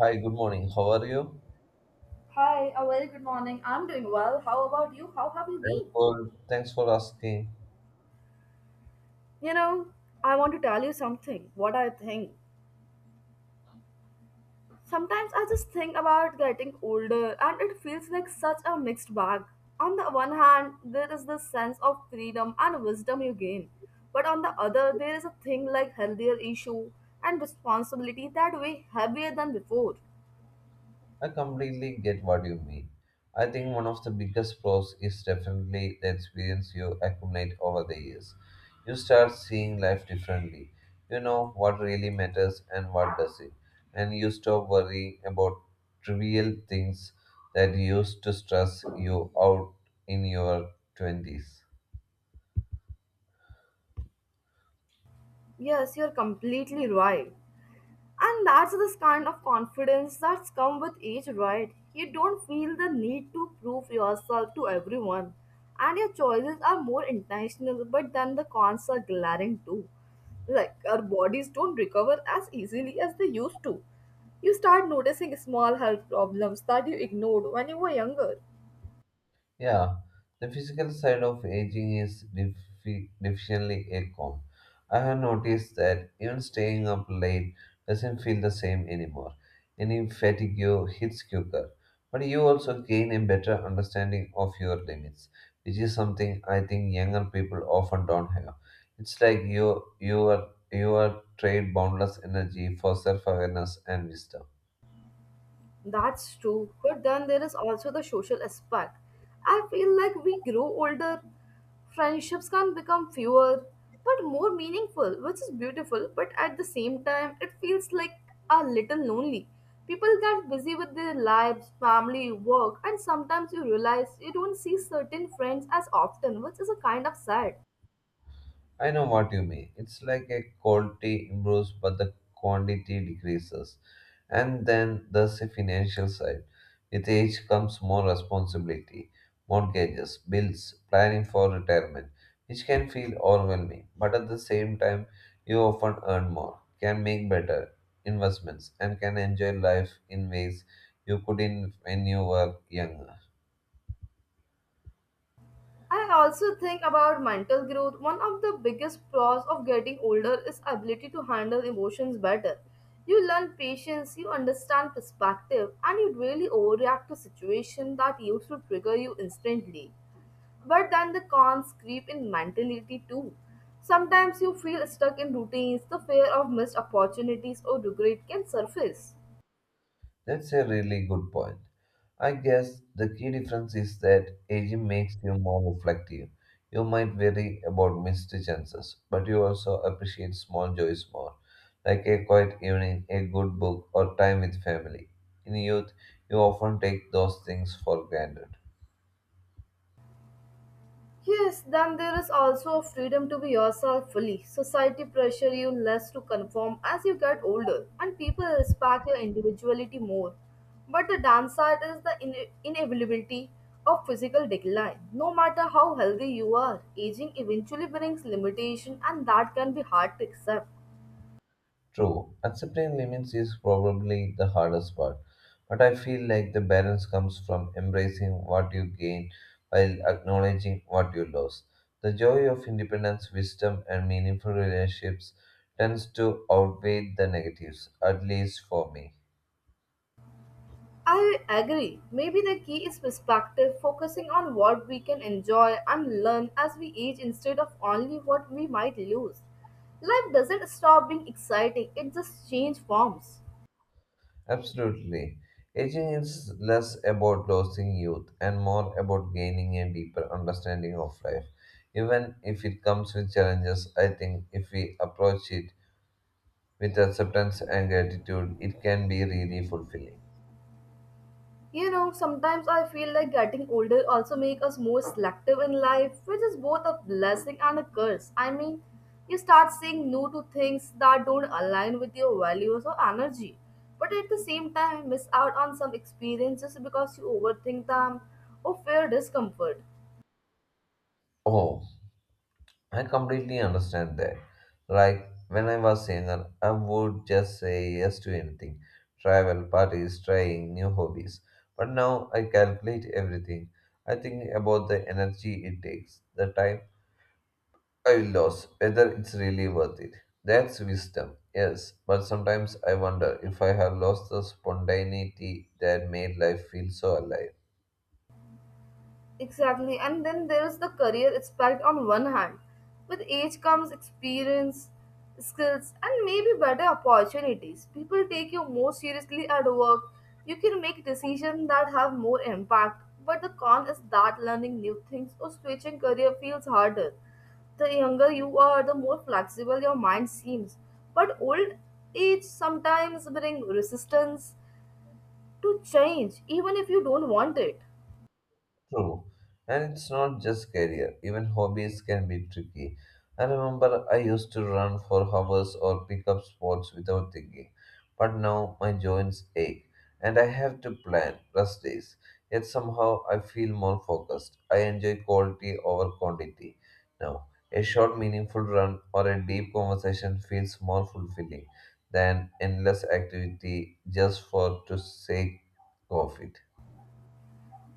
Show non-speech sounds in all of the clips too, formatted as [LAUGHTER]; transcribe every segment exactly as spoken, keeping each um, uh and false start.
Hi, good morning. How are you? Hi, a very good morning. I'm doing well. How about you? How have you Thanks been? For, thanks for asking. You know, I want to tell you something, what I think. Sometimes I just think about getting older and it feels like such a mixed bag. On the one hand, there is this sense of freedom and wisdom you gain. But on the other, there is a thing like healthier issue and responsibility that weigh heavier than before. I completely get what you mean. I think one of the biggest pros is definitely the experience you accumulate over the years. You start seeing life differently. You know what really matters and what doesn't. And you stop worrying about trivial things that used to stress you out in your twenties. Yes, you're completely right. And that's this kind of confidence that's come with age, right? You don't feel the need to prove yourself to everyone. And your choices are more intentional, but then the cons are glaring too. Like our bodies don't recover as easily as they used to. You start noticing small health problems that you ignored when you were younger. Yeah, the physical side of aging is defi- definitely a con. I have noticed that even staying up late doesn't feel the same anymore. Any fatigue hits quicker, but you also gain a better understanding of your limits, which is something I think younger people often don't have. It's like you you are you are trade boundless energy for self-awareness and wisdom. That's true, but then there is also the social aspect. I feel like we grow older, friendships can become fewer but more meaningful, which is beautiful, but at the same time, it feels like a little lonely. People get busy with their lives, family, work, and sometimes you realize you don't see certain friends as often, which is a kind of sad. I know what you mean. It's like a quality improves, but the quantity decreases. And then there's the financial side. With age comes more responsibility, mortgages, bills, planning for retirement, which can feel overwhelming. But at the same time, you often earn more, can make better investments, and can enjoy life in ways you couldn't when you were younger. I also think about mental growth. One of the biggest flaws of getting older is ability to handle emotions better. You learn patience, you understand perspective, and you really overreact to situations that used to trigger you instantly. But then the cons creep in mentality too. Sometimes you feel stuck in routines, the fear of missed opportunities or regret can surface. That's a really good point. I guess the key difference is that aging makes you more reflective. You might worry about missed chances, but you also appreciate small joys more, like a quiet evening, a good book, or time with family. In youth, you often take those things for granted. Yes, then there is also a freedom to be yourself fully. Society pressure you less to conform as you get older, and people respect your individuality more. But the downside is the ine- inevitability of physical decline. No matter how healthy you are, aging eventually brings limitation, and that can be hard to accept. True, accepting limits is probably the hardest part, but I feel like the balance comes from embracing what you gain while acknowledging what you lose. The joy of independence, wisdom, and meaningful relationships tends to outweigh the negatives, at least for me. I agree. Maybe the key is perspective, focusing on what we can enjoy and learn as we age instead of only what we might lose. Life doesn't stop being exciting, it just changes forms. Absolutely. Aging is less about losing youth and more about gaining a deeper understanding of life. Even if it comes with challenges, I think if we approach it with acceptance and gratitude, it can be really fulfilling. You know, sometimes I feel like getting older also make us more selective in life, which is both a blessing and a curse. I mean, you start saying no to things that don't align with your values or energy, but at the same time miss out on some experiences because you overthink them or fear discomfort. Oh, I completely understand that. Like when I was younger, I would just say yes to anything travel, parties, trying new hobbies. But now I calculate everything. I think about the energy it takes, the time I will lose, whether it's really worth it. That's wisdom, yes, but sometimes I wonder if I have lost the spontaneity that made life feel so alive. Exactly. And then there is the career aspect on one hand. With age comes experience, skills, and maybe better opportunities. People take you more seriously at work. You can make decisions that have more impact. But the con is that learning new things or switching career feels harder. The younger you are, the more flexible your mind seems. But old age sometimes brings resistance to change, even if you don't want it. True. And it's not just career, even hobbies can be tricky. I remember I used to run for hours or pick up sports without thinking, but now my joints ache and I have to plan rest days. Yet somehow I feel more focused. I enjoy quality over quantity. Now, a short, meaningful run or a deep conversation feels more fulfilling than endless activity just for to sake of it.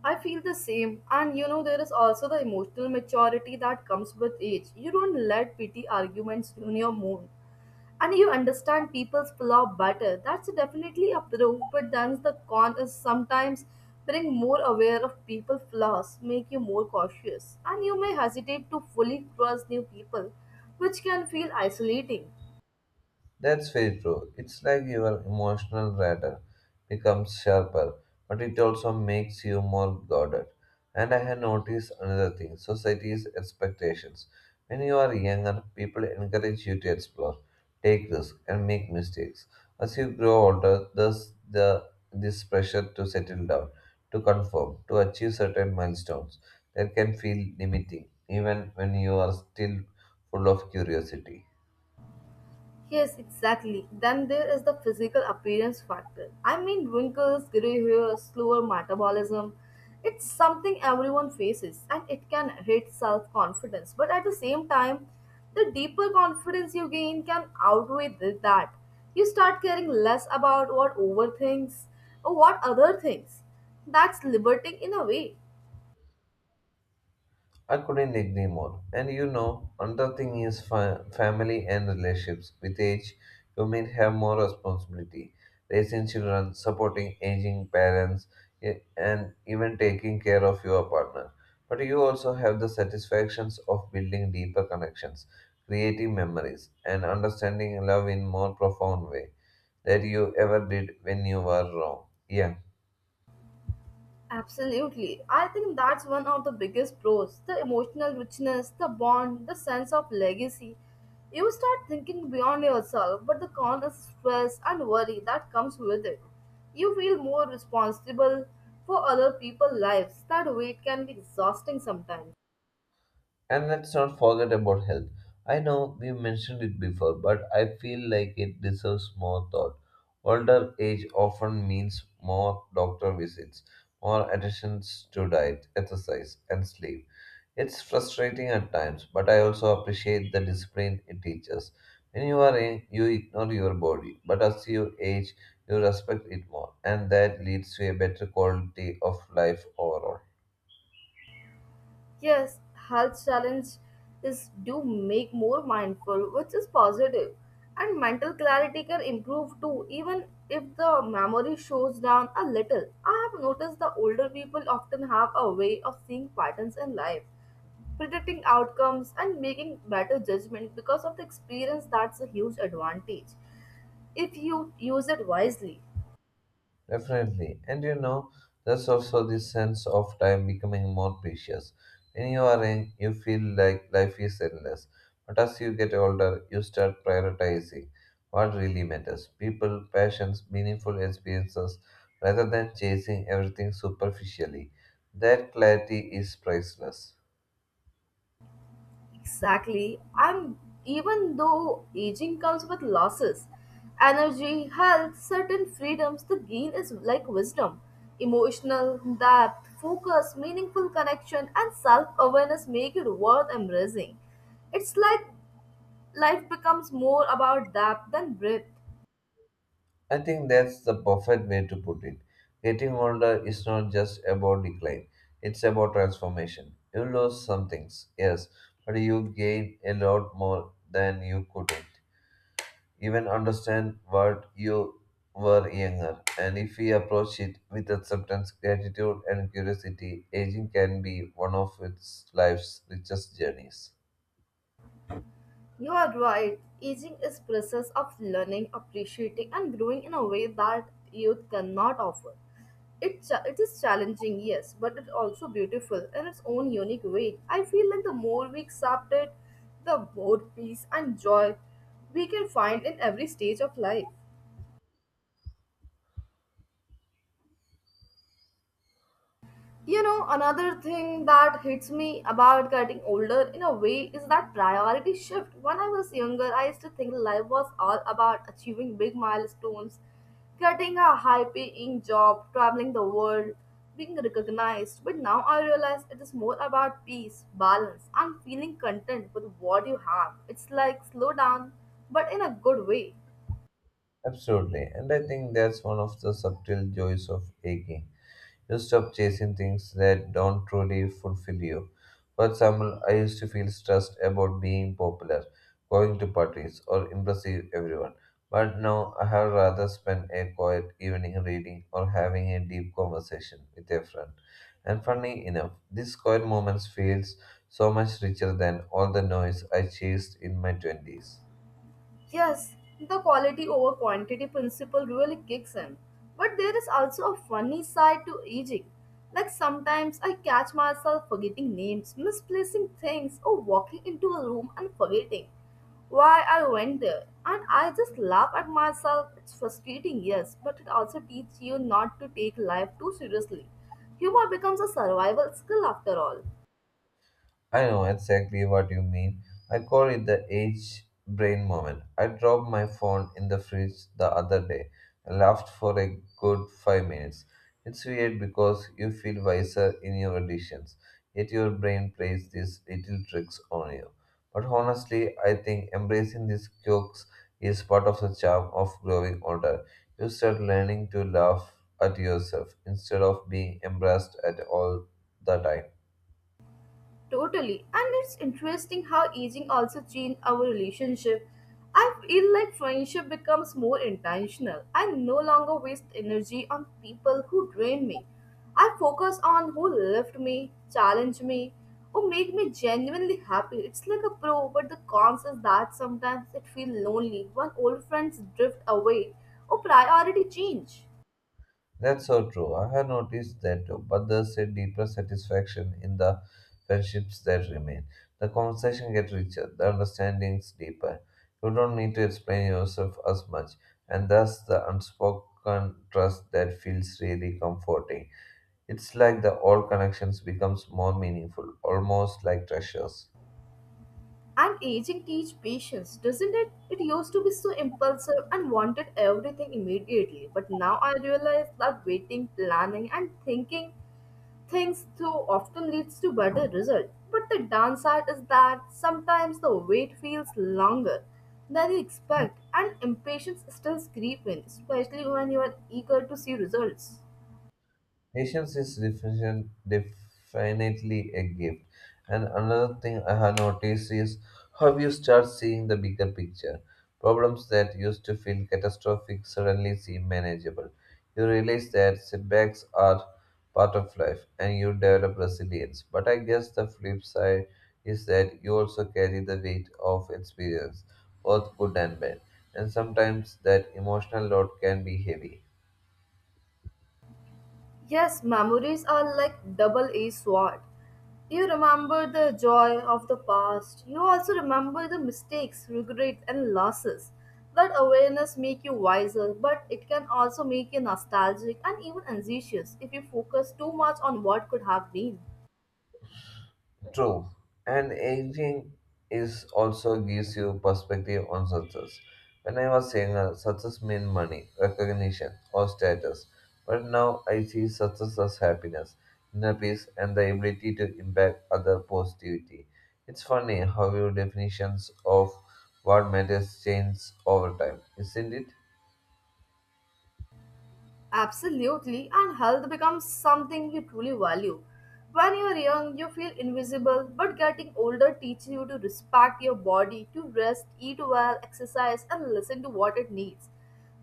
I feel the same. And you know, there is also the emotional maturity that comes with age. You don't let petty arguments ruin your mood. And you understand people's flaw better. That's definitely a pro, but then the con is sometimes being more aware of people's flaws, make you more cautious. And you may hesitate to fully trust new people, which can feel isolating. That's very true. It's like your emotional radar becomes sharper, but it also makes you more guarded. And I have noticed another thing society's expectations. When you are younger, people encourage you to explore, take risks, and make mistakes. As you grow older, there's the, this pressure to settle down, to conform, to achieve certain milestones that can feel limiting, even when you are still full of curiosity. Yes, exactly. Then there is the physical appearance factor. I mean, wrinkles, gray hair, slower metabolism. It's something everyone faces and it can hit self confidence. But at the same time, the deeper confidence you gain can outweigh th- that. You start caring less about what over thinks or what other thinks. That's liberating in a way. I couldn't agree more. And you know, another thing is fa- family and relationships. With age, you may have more responsibility, raising children, supporting aging parents, e- and even taking care of your partner. But you also have the satisfactions of building deeper connections, creating memories, and understanding love in more profound way that you ever did when you were wrong. Yeah. Absolutely. I think that's one of the biggest pros the emotional richness, the bond, the sense of legacy. You start thinking beyond yourself, but the con is stress and worry that comes with it. You feel more responsible for other people's lives. That weight can be exhausting sometimes. And let's not forget about health. I know we mentioned it before, but I feel like it deserves more thought. Older age often means more doctor visits, more attentions to diet, exercise, and sleep. It's frustrating at times, but I also appreciate the discipline it teaches. When you are young, you ignore your body, but as you age, you respect it more, and that leads to a better quality of life overall. Yes, health challenge is do make more mindful, which is positive, and mental clarity can improve too, even if the memory shows down a little. I have noticed the older people often have a way of seeing patterns in life, predicting outcomes, and making better judgment because of the experience. That's a huge advantage if you use it wisely. Definitely. And you know, there's also this sense of time becoming more precious. When you are young, you feel like life is endless. But as you get older, you start prioritizing what really matters people, passions, meaningful experiences, rather than chasing everything superficially. That clarity is priceless. Exactly. And even though aging comes with losses, energy, health, certain freedoms, the gain is like wisdom, emotional depth, focus, meaningful connection, and self awareness make it worth embracing. It's like life becomes more about depth than breadth. I think that's the perfect way to put it. Getting older is not just about decline, it's about transformation. You lose some things, yes, but you gain a lot more than you couldn't. Even understand what you were younger. And if we approach it with acceptance, gratitude, and curiosity, aging can be one of its life's richest journeys. You are right. Aging is process of learning, appreciating, and growing in a way that youth cannot offer. It, cha- it is challenging, yes, but it's also beautiful in its own unique way. I feel like the more we accept it, the more peace and joy we can find in every stage of life. You know, another thing that hits me about getting older in a way is that priority shift. When I was younger, I used to think life was all about achieving big milestones, getting a high paying job, traveling the world, being recognized. But now I realize it is more about peace, balance, and feeling content with what you have. It's like slow down, but in a good way. Absolutely. And I think that's one of the subtle joys of aging. You stop chasing things that don't truly fulfill you. For example, I used to feel stressed about being popular, going to parties, or impressing everyone. But now I have rather spent a quiet evening reading or having a deep conversation with a friend. And funny enough, these quiet moments feels so much richer than all the noise I chased in my twenties. Yes, the quality over quantity principle really kicks in. But there is also a funny side to aging. Like sometimes I catch myself forgetting names, misplacing things, or walking into a room and forgetting why I went there. And I just laugh at myself. It's frustrating, yes, but it also teaches you not to take life too seriously. Humor becomes a survival skill after all. I know exactly what you mean. I call it the age brain moment. I dropped my phone in the fridge the other day and laughed for a good five minutes. It's weird because you feel wiser in your decisions, yet your brain plays these little tricks on you. But honestly, I think embracing these quirks is part of the charm of growing older. You start learning to laugh at yourself instead of being embarrassed at all the time. Totally. And it's interesting how aging also changed our relationship. I feel like friendship becomes more intentional. I no longer waste energy on people who drain me. I focus on who lift me, challenge me, who make me genuinely happy. It's like a pro, but the cons is that sometimes it feels lonely when old friends drift away or priority change. That's so true. I have noticed that too, but there's a deeper satisfaction in the friendships that remain. The conversation gets richer, the understandings deeper. You don't need to explain yourself as much, and thus the unspoken trust that feels really comforting. It's like the old connections becomes more meaningful, almost like treasures. And aging teach patience, doesn't it? It used to be so impulsive and wanted everything immediately. But now I realize that waiting, planning, and thinking things through often leads to better result. But the downside is that sometimes the wait feels longer than you expect, and impatience still creeps in, especially when you are eager to see results. Patience is definition, definitely a gift. And another thing I have noticed is how you start seeing the bigger picture. Problems that used to feel catastrophic suddenly seem manageable. You realize that setbacks are part of life and you develop resilience. But I guess the flip side is that you also carry the weight of experience, both good and bad. And sometimes that emotional load can be heavy. Yes, memories are like double edged sword. You remember the joy of the past. You also remember the mistakes, regrets and losses. That awareness make you wiser, but it can also make you nostalgic and even anxious if you focus too much on what could have been. True. And aging is also gives you perspective on success. When I was younger, success meant money, recognition, or status. But now I see success as happiness, inner peace, and the ability to impact other positivity. It's funny how your definitions of what matters change over time, isn't it? Absolutely, and health becomes something you truly value. When you're young, you feel invisible, but getting older teaches you to respect your body, to rest, eat well, exercise, and listen to what it needs.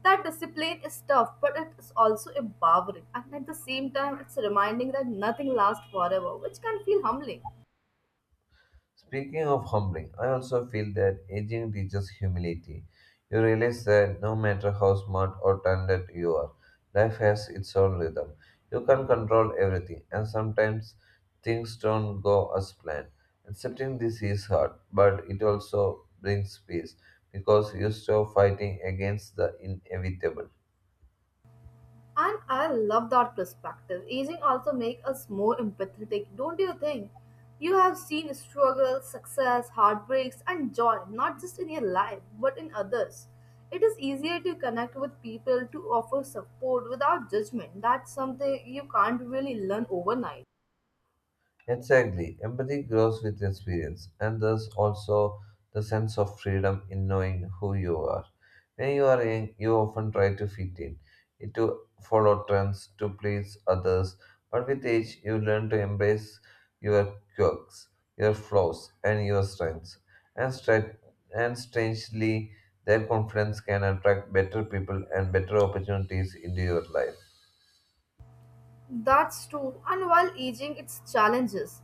That discipline is tough, but it is also empowering, and at the same time, it's reminding that nothing lasts forever, which can feel humbling. Speaking of humbling, I also feel that aging teaches humility. You realize that no matter how smart or talented you are, life has its own rhythm. You can't control everything, and sometimes things don't go as planned. Accepting this is hard, but it also brings peace because you stop fighting against the inevitable. And I love that perspective. Aging also makes us more empathetic, don't you think? You have seen struggle, success, heartbreaks, and joy, not just in your life, but in others. It is easier to connect with people to offer support without judgment. That's something you can't really learn overnight. Exactly. Empathy grows with experience, and thus also the sense of freedom in knowing who you are. When you are young, you often try to fit in, to follow trends, to please others. But with age, you learn to embrace your quirks, your flaws, and your strengths. And, stra- and strangely, their confidence can attract better people and better opportunities into your life. That's true. And while aging, its challenges.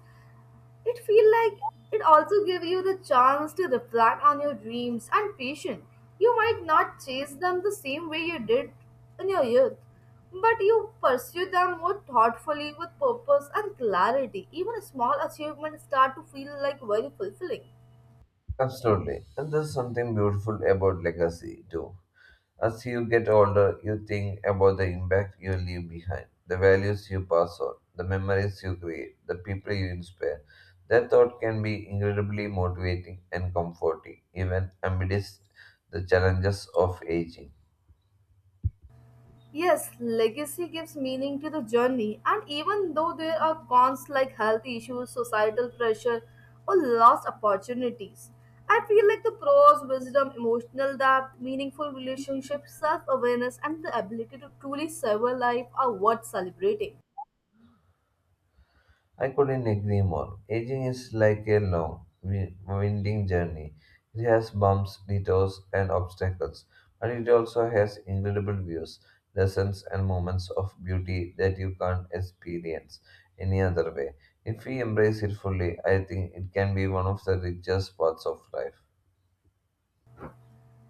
It feels like it also gives you the chance to reflect on your dreams and passion. You might not chase them the same way you did in your youth, but you pursue them more thoughtfully with purpose and clarity. Even small achievements start to feel like very fulfilling. Absolutely. And there's something beautiful about legacy, too. As you get older, you think about the impact you leave behind, the values you pass on, the memories you create, the people you inspire. That thought can be incredibly motivating and comforting, even amidst the challenges of aging. Yes, legacy gives meaning to the journey, and even though there are cons like health issues, societal pressure, or lost opportunities, I feel like the pros, wisdom, emotional depth, meaningful relationships, self awareness, and the ability to truly savour life are worth celebrating. I couldn't agree more. Aging is like a long, wi- winding journey. It has bumps, detours, and obstacles, but it also has incredible views, lessons, and moments of beauty that you can't experience any other way. If we embrace it fully, I think it can be one of the richest parts of life.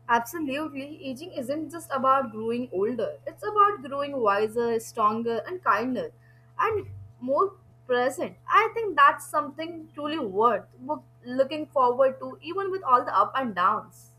Absolutely, aging isn't just about growing older, it's about growing wiser, stronger, and kinder, and more present. I think that's something truly worth look- looking forward to, even with all the up and downs.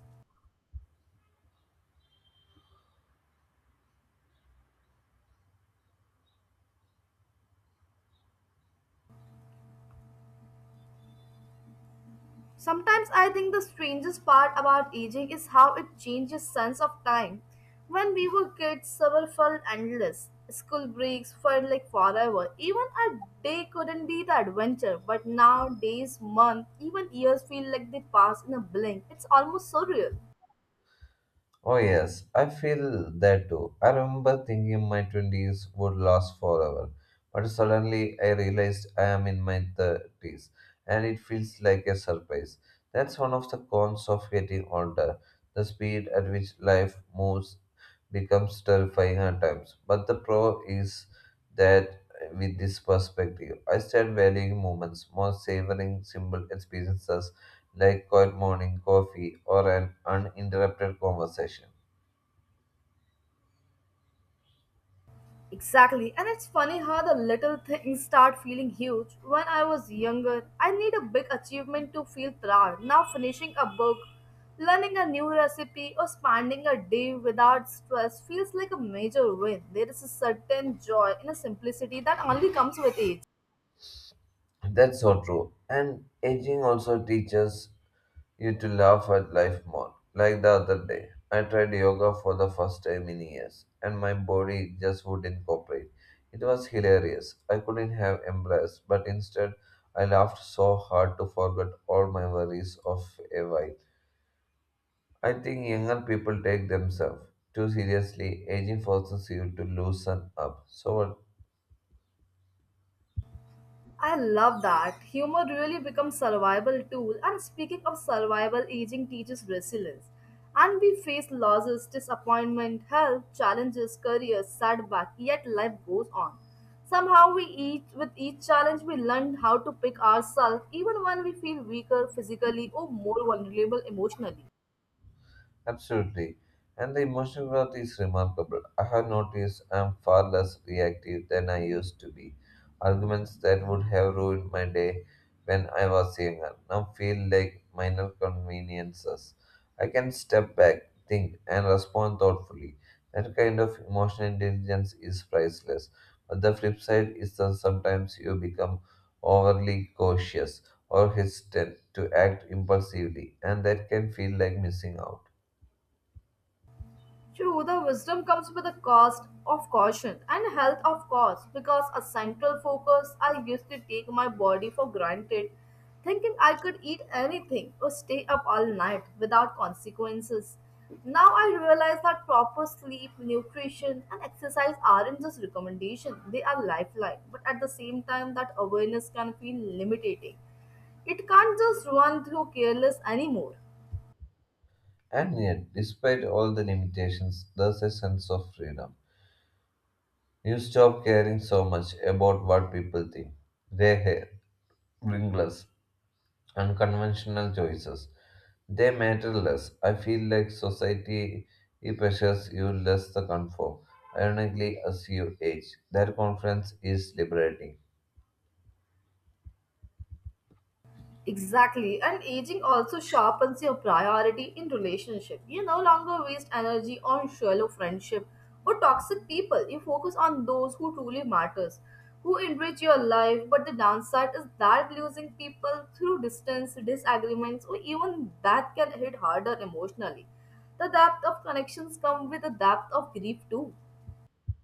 Sometimes I think the strangest part about aging is how it changes sense of time. When we were kids, summer felt endless. School breaks felt like forever. Even a day couldn't be the adventure. But now days, months, even years feel like they pass in a blink. It's almost surreal. Oh, yes, I feel that too. I remember thinking my twenties would last forever, but suddenly I realized I am in my thirties and it feels like a surprise. That's one of the cons of getting older. The speed at which life moves becomes terrifying at times, but the pro is that with this perspective, I start valuing moments, more savoring simple experiences like quiet morning coffee or an uninterrupted conversation. Exactly, and it's funny how the little things start feeling huge. When I was younger, I need a big achievement to feel proud. Now, finishing a book, learning a new recipe, or spending a day without stress feels like a major win. There is a certain joy in a simplicity that only comes with age. That's so true. And aging also teaches you to laugh at life more. Like the other day, I tried yoga for the first time in years, and my body just wouldn't cooperate. It was hilarious. I couldn't have embraced, but instead, I laughed so hard to forget all my worries of a while. I think younger people take themselves too seriously. Aging forces you to loosen up. So, what? I love that. Humor really becomes survival tool and speaking of survival, aging teaches resilience. And we face losses, disappointment, health, challenges, career, setback, yet life goes on. Somehow we each with each challenge we learn how to pick ourselves even when we feel weaker physically or more vulnerable emotionally. Absolutely. And the emotional growth is remarkable. I have noticed I'm far less reactive than I used to be. Arguments that would have ruined my day when I was younger now feel like minor conveniences. I can step back, think, and respond thoughtfully. That kind of emotional intelligence is priceless. But the flip side is that sometimes you become overly cautious or hesitant to act impulsively, and that can feel like missing out. True, the wisdom comes with a cost of caution and health of course because a central focus I used to take my body for granted, thinking I could eat anything or stay up all night without consequences. Now I realize that proper sleep, nutrition, and exercise aren't just recommendations, they are lifeline, but at the same time, that awareness can feel limiting. It can't just run through careless anymore. And yet, despite all the limitations, there's a sense of freedom. You stop caring so much about what people think. Their hair, bringless, unconventional choices. They matter less. I feel like society pressures you less to conform. Ironically, as you age, that confidence is liberating. Exactly. And aging also sharpens your priority in relationship. You no longer waste energy on shallow friendship or toxic people. You focus on those who truly matters, who enrich your life. But the downside is that losing people through distance, disagreements, or even that can hit harder emotionally. The depth of connections come with the depth of grief too.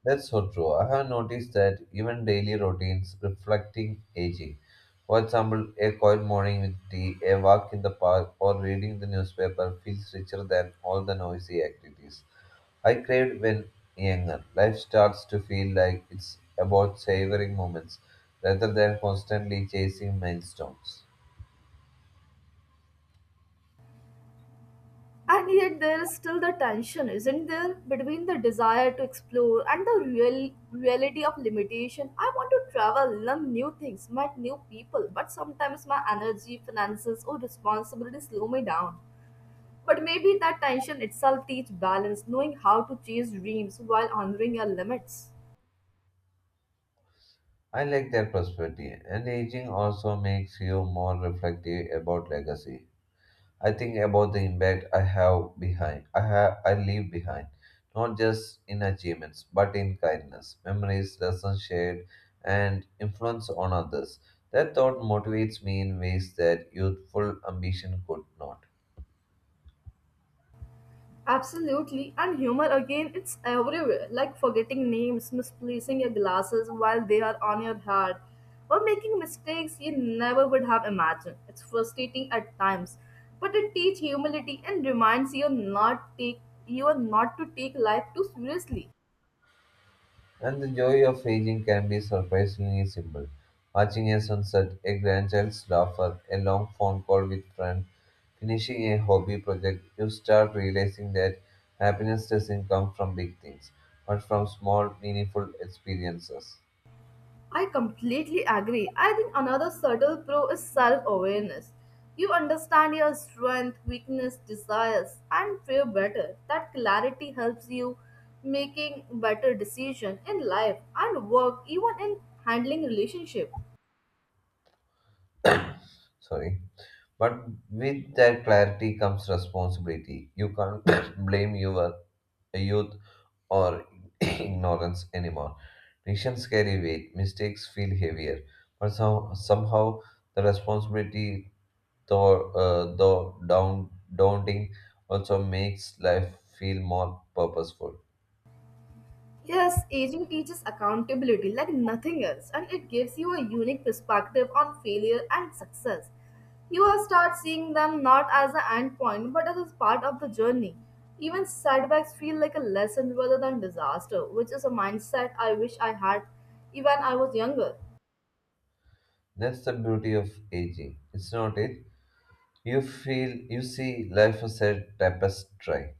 That's so true. I have noticed that even daily routines reflecting aging. For example, a quiet morning with tea, a walk in the park, or reading the newspaper feels richer than all the noisy activities. I craved when younger. Life starts to feel like it's about savoring moments rather than constantly chasing milestones. And yet, there is still the tension, isn't there, between the desire to explore and the real reality of limitation. I want to travel, learn new things, meet new people, but sometimes my energy, finances, or responsibilities slow me down. But maybe that tension itself teach balance, knowing how to chase dreams while honoring your limits. I like that perspective, and aging also makes you more reflective about legacy. I think about the impact I have behind. I have I leave behind, not just in achievements, but in kindness, memories, lessons shared, and influence on others. That thought motivates me in ways that youthful ambition could not. Absolutely, and humor again, it's everywhere. Like forgetting names, misplacing your glasses while they are on your head, or making mistakes you never would have imagined. It's frustrating at times, but it teaches humility and reminds you not take you are not to take life too seriously. And the joy of aging can be surprisingly simple. Watching a sunset, a grandchild's laughter, a long phone call with friend, finishing a hobby project, you start realizing that happiness doesn't come from big things, but from small, meaningful experiences. I completely agree. I think another subtle pro is self awareness. You understand your strength, weakness, desires, and fear better. That clarity helps you making better decision in life and work, even in handling relationship. Sorry. But with that clarity comes responsibility. You can't [COUGHS] blame your youth or [LAUGHS] [CLEARS THROAT] ignorance anymore. Nations carry weight, mistakes feel heavier, but some, somehow the responsibility, though, uh, though down, daunting, also makes life feel more purposeful. Yes, aging teaches accountability like nothing else, and it gives you a unique perspective on failure and success. You will start seeing them not as an end point but as a part of the journey. Even setbacks feel like a lesson rather than disaster, which is a mindset I wish I had even I was younger. That's the beauty of aging. It's not it. You feel, you see life as a tapestry,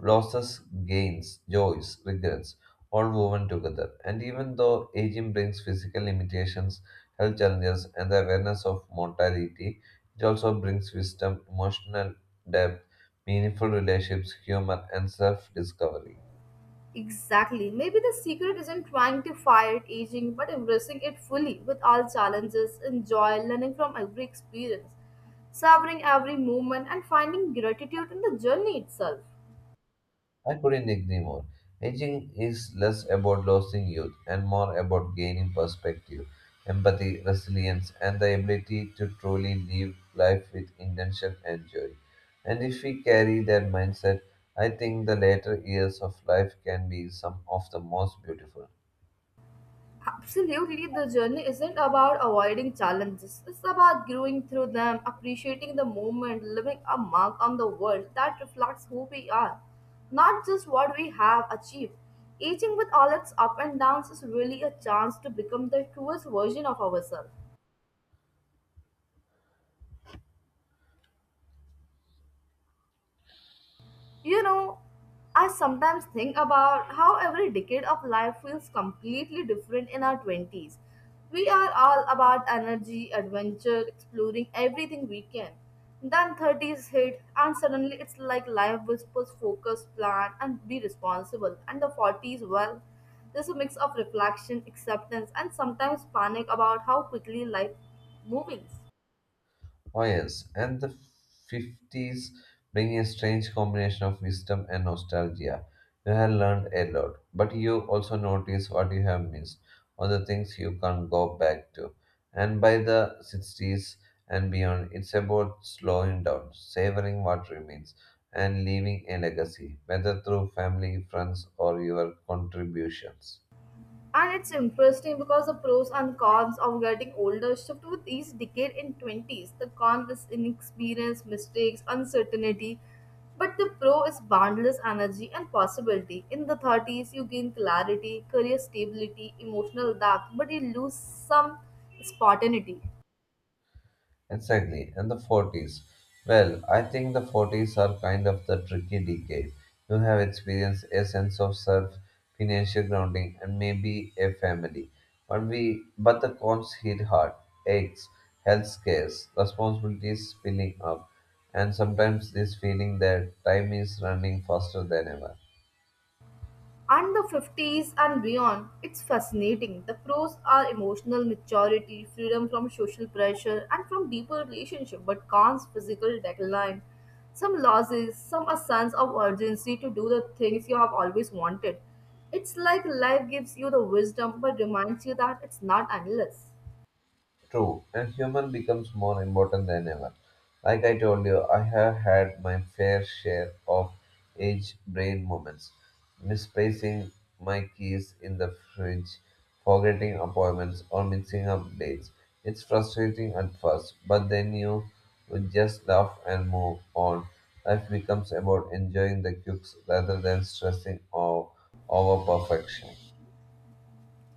losses, gains, joys, regrets, all woven together. And even though aging brings physical limitations, health challenges, and the awareness of mortality, it also brings wisdom, emotional depth, meaningful relationships, humor, and self-discovery. Exactly. Maybe the secret isn't trying to fight aging, but embracing it fully with all challenges, enjoy learning from every experience, savoring every moment, and finding gratitude in the journey itself. I couldn't agree more. Aging is less about losing youth and more about gaining perspective, empathy, resilience, and the ability to truly live life with intention and joy. And if we carry that mindset, I think the later years of life can be some of the most beautiful. Absolutely, the journey isn't about avoiding challenges. It's about growing through them, appreciating the moment, leaving a mark on the world that reflects who we are, not just what we have achieved. Aging with all its up and downs is really a chance to become the truest version of ourselves. You know, I sometimes think about how every decade of life feels completely different in our twenties. We are all about energy, adventure, exploring everything we can. Then thirties hit, and suddenly it's like life whispers focus, plan, and be responsible. And the forties, well, there's a mix of reflection, acceptance, and sometimes panic about how quickly life moves. Oh, yes, and the fifties bring a strange combination of wisdom and nostalgia. You have learned a lot, but you also notice what you have missed or the things you can't go back to. And by the sixties and beyond, it's about slowing down, savoring what remains, and leaving a legacy, whether through family, friends, or your contributions. And it's interesting because the pros and cons of getting older shift with each decade in twenties. The con is inexperience, mistakes, uncertainty, but the pro is boundless energy and possibility. In the thirties, you gain clarity, career stability, emotional depth, but you lose some spontaneity. Exactly. And the forties. Well, I think the forties are kind of the tricky decade. You have experienced a sense of self, financial grounding, and maybe a family. But we, but the cons hit hard. Aches, health scares, responsibilities spilling up, and sometimes this feeling that time is running faster than ever. And the fifties and beyond. It's fascinating. The pros are emotional maturity, freedom from social pressure, and from deeper relationship, but cons physical decline. Some losses, some a sense of urgency to do the things you have always wanted. It's like life gives you the wisdom but reminds you that it's not endless. True, and human becomes more important than ever. Like I told you, I have had my fair share of age brain moments, misplacing my keys in the fridge, forgetting appointments, or mixing up dates. It's frustrating at first, but then you would just laugh and move on. Life becomes about enjoying the quirks rather than stressing o- over perfection.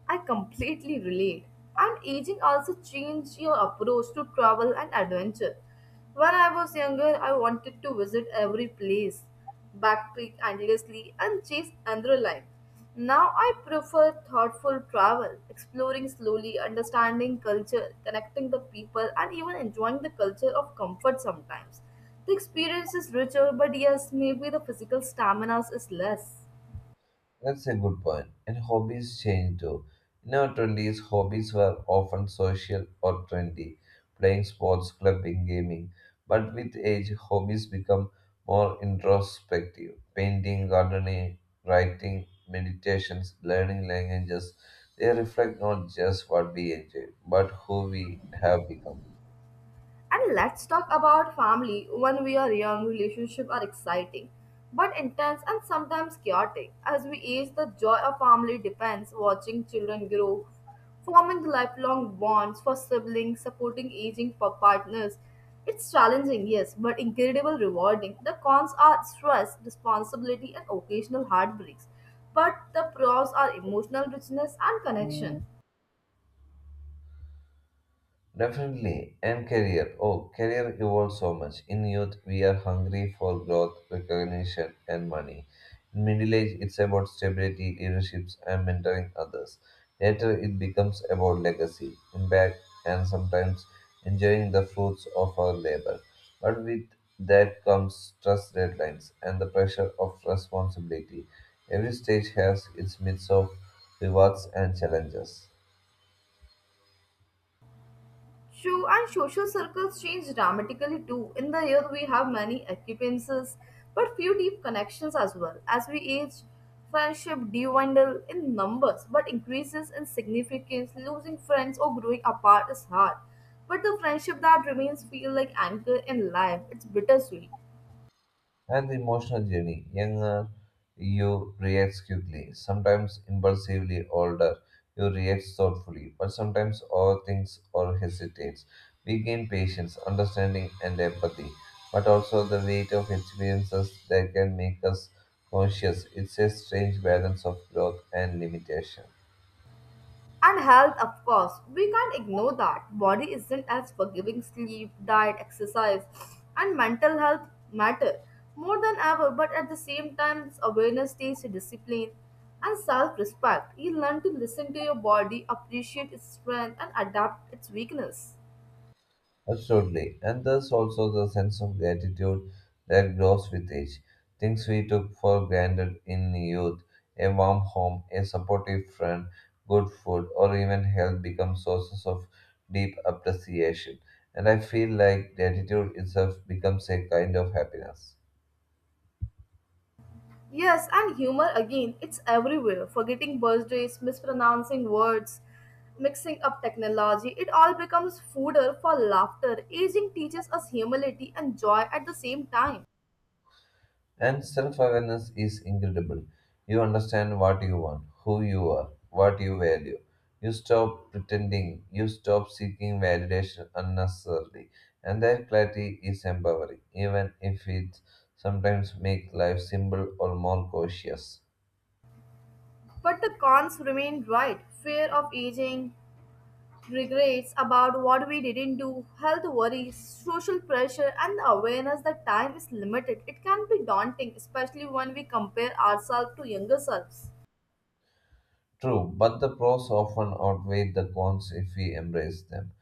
I completely relate. And aging also changed your approach to travel and adventure. When I was younger, I wanted to visit every place, backpack endlessly, and chase adrenaline. Now I prefer thoughtful travel, exploring slowly, understanding culture, connecting the people, and even enjoying the culture of comfort sometimes. The experience is richer, but yes, maybe the physical stamina is less. That's a good point. And hobbies change too. In our twenties, hobbies were often social or trendy, playing sports, clubbing, gaming. But with age, hobbies become more introspective. Painting, gardening, writing, meditations, learning languages. They reflect not just what we enjoy, but who we have become. And let's talk about family. When we are young, relationships are exciting, but intense and sometimes chaotic. As we age, the joy of family depends watching children grow, forming lifelong bonds for siblings, supporting aging for partners. It's challenging, yes, but incredibly rewarding. The cons are stress, responsibility, and occasional heartbreaks. But the pros are emotional richness and connection. Definitely. And career. Oh, career evolves so much. In youth, we are hungry for growth, recognition, and money. In middle age, it's about stability, leaderships, and mentoring others. Later, it becomes about legacy, impact, and sometimes enjoying the fruits of our labor. But with that comes trust deadlines and the pressure of responsibility. Every stage has its mix of rewards and challenges. True, and social circles change dramatically too. In the year, we have many acquaintances, but few deep connections as well. As we age, friendship dwindle in numbers, but increases in significance. Losing friends or growing apart is hard, but the friendship that remains feel like anchor in life. It's bittersweet. And the emotional journey. Younger, you react quickly, sometimes impulsively. Older, you react thoughtfully, but sometimes overthinks or hesitates. We gain patience, understanding, and empathy, but also the weight of experiences that can make us conscious. It's a strange balance of growth and limitation. And health, of course, we can't ignore that. Body isn't as forgiving, sleep, diet, exercise, and mental health matter more than ever, but at the same time, awareness takes discipline and self respect. You learn to listen to your body, appreciate its strength, and adapt its weakness. Absolutely. And thus also the sense of gratitude that grows with age. Things we took for granted in youth, a warm home, a supportive friend, good food, or even health become sources of deep appreciation. And I feel like gratitude itself becomes a kind of happiness. Yes, and humor again, it's everywhere. Forgetting birthdays, mispronouncing words, mixing up technology, it all becomes fodder for laughter. Aging teaches us humility and joy at the same time. And self awareness is incredible. You understand what you want, who you are, what you value. You stop pretending, you stop seeking validation unnecessarily. And that clarity is empowering, even if it sometimes makes life simple or more cautious. But the cons remain right fear of aging, regrets about what we didn't do, health worries, social pressure, and the awareness that time is limited. It can be daunting, especially when we compare ourselves to younger selves. True, but the pros often outweigh the cons if we embrace them.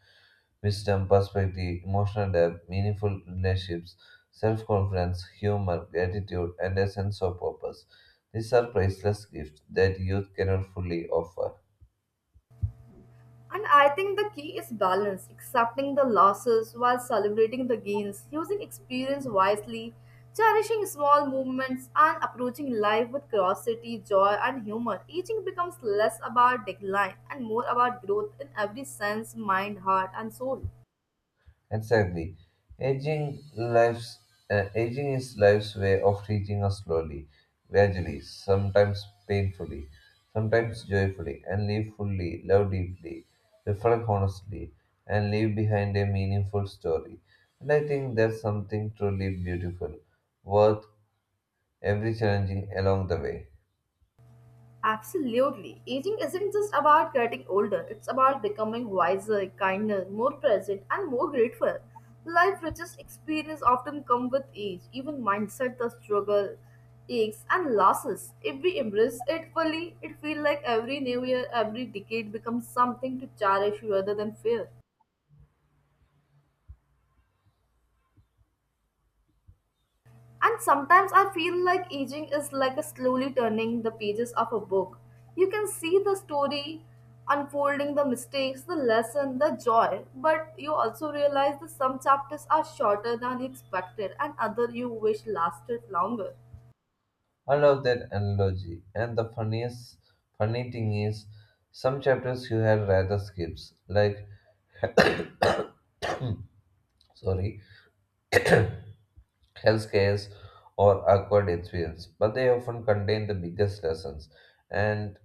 Wisdom, perspective, emotional depth, meaningful relationships, self confidence, humor, gratitude, and a sense of purpose. These are priceless gifts that youth cannot fully offer. And I think the key is balance, accepting the losses while celebrating the gains, using experience wisely, cherishing small movements, and approaching life with curiosity, joy, and humor. Aging becomes less about decline and more about growth in every sense mind, heart, and soul. Exactly. Aging lives. uh, aging is life's way of teaching us slowly, gradually, sometimes painfully, sometimes joyfully, and live fully, love deeply, reflect honestly, and leave behind a meaningful story. And I think that's something truly beautiful, worth every challenging along the way. Absolutely. Aging isn't just about getting older, it's about becoming wiser, kinder, more present, and more grateful. Life richest experience often come with age, even mindset, the struggle, aches, and losses. If we embrace it fully, it feels like every new year, every decade becomes something to cherish rather than fear. And sometimes I feel like aging is like a slowly turning the pages of a book. You can see the story unfolding, the mistakes, the lesson, the joy, but you also realize that some chapters are shorter than you expected and other you wish lasted longer. I love that analogy, and the funniest funny thing is some chapters you had rather skips, like [CLEARS THROAT] sorry health scares, or awkward experience, but they often contain the biggest lessons. And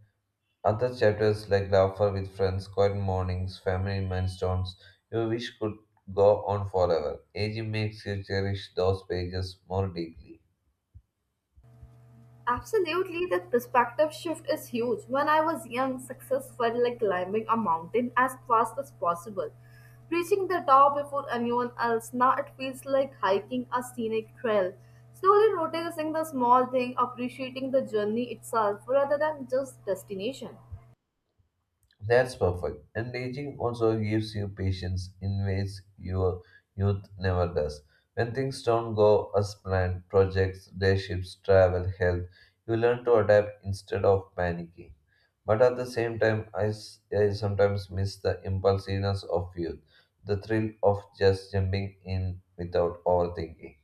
other chapters like laughter with friends, quiet mornings, family milestones, you wish could go on forever. Aging makes you cherish those pages more deeply. Absolutely, that perspective shift is huge. When I was young, success felt like climbing a mountain as fast as possible, reaching the top before anyone else. Now it feels like hiking a scenic trail, slowly noticing the small thing, appreciating the journey itself rather than just destination. That's perfect. And aging also gives you patience in ways your youth never does. When things don't go as planned, projects, relationships, travel, health, you learn to adapt instead of panicking. But at the same time, I, s- I sometimes miss the impulsiveness of youth, the thrill of just jumping in without overthinking.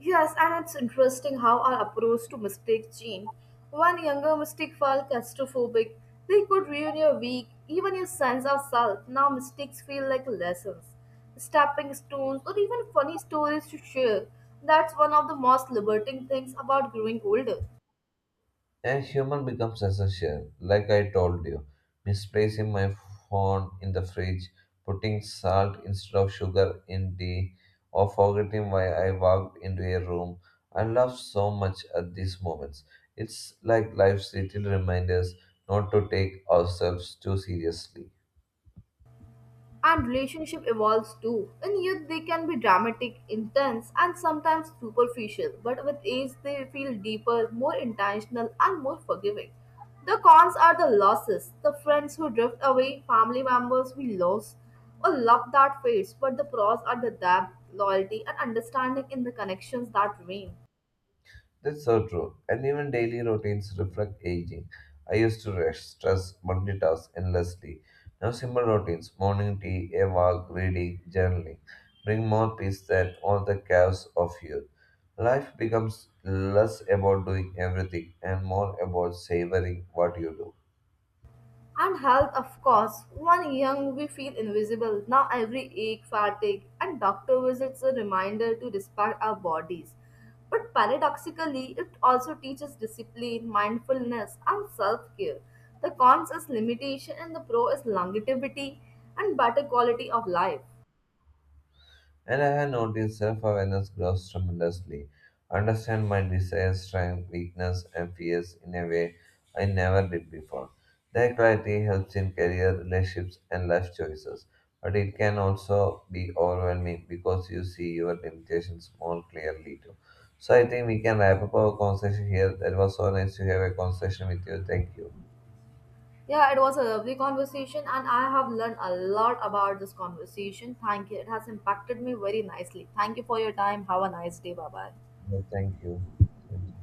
Yes, and it's interesting how our approach to mistakes change. One younger mistake felt claustrophobic. They could ruin your week, even your sense of self. Now mistakes feel like lessons, stepping stones, or even funny stories to share. That's one of the most liberating things about growing older. And human becomes essential, like I told you. Misplacing my phone in the fridge, putting salt instead of sugar in tea, or forgetting why I walked into a room. I laugh so much at these moments. It's like life's little reminders not to take ourselves too seriously. And relationship evolves too. In youth, they can be dramatic, intense, and sometimes superficial, but with age, they feel deeper, more intentional, and more forgiving. The cons are the losses, the friends who drift away, family members we lose, or love that fades, but the pros are the depth, loyalty, and understanding in the connections that remain. That's so true. And even daily routines reflect aging. I used to rush, stress, multitask endlessly. Now simple routines, morning tea, a walk, reading, journaling, bring more peace than all the chaos of youth. Life becomes less about doing everything and more about savoring what you do. And health, of course. When young, we feel invisible. Now, every ache, fatigue, and doctor visits a reminder to respect our bodies. But paradoxically, it also teaches discipline, mindfulness, and self care. The cons is limitation, and the pro is longevity and better quality of life. And I have noticed self awareness grows tremendously. Understand my desires, strengths, weakness, and fears in a way I never did before. That clarity helps in career, relationships, and life choices. But it can also be overwhelming because you see your limitations more clearly too. So I think we can wrap up our conversation here. That was so nice to have a conversation with you. Thank you. Yeah, it was a lovely conversation, and I have learned a lot about this conversation. Thank you. It has impacted me very nicely. Thank you for your time. Have a nice day. Bye bye. No, thank you. Thank you.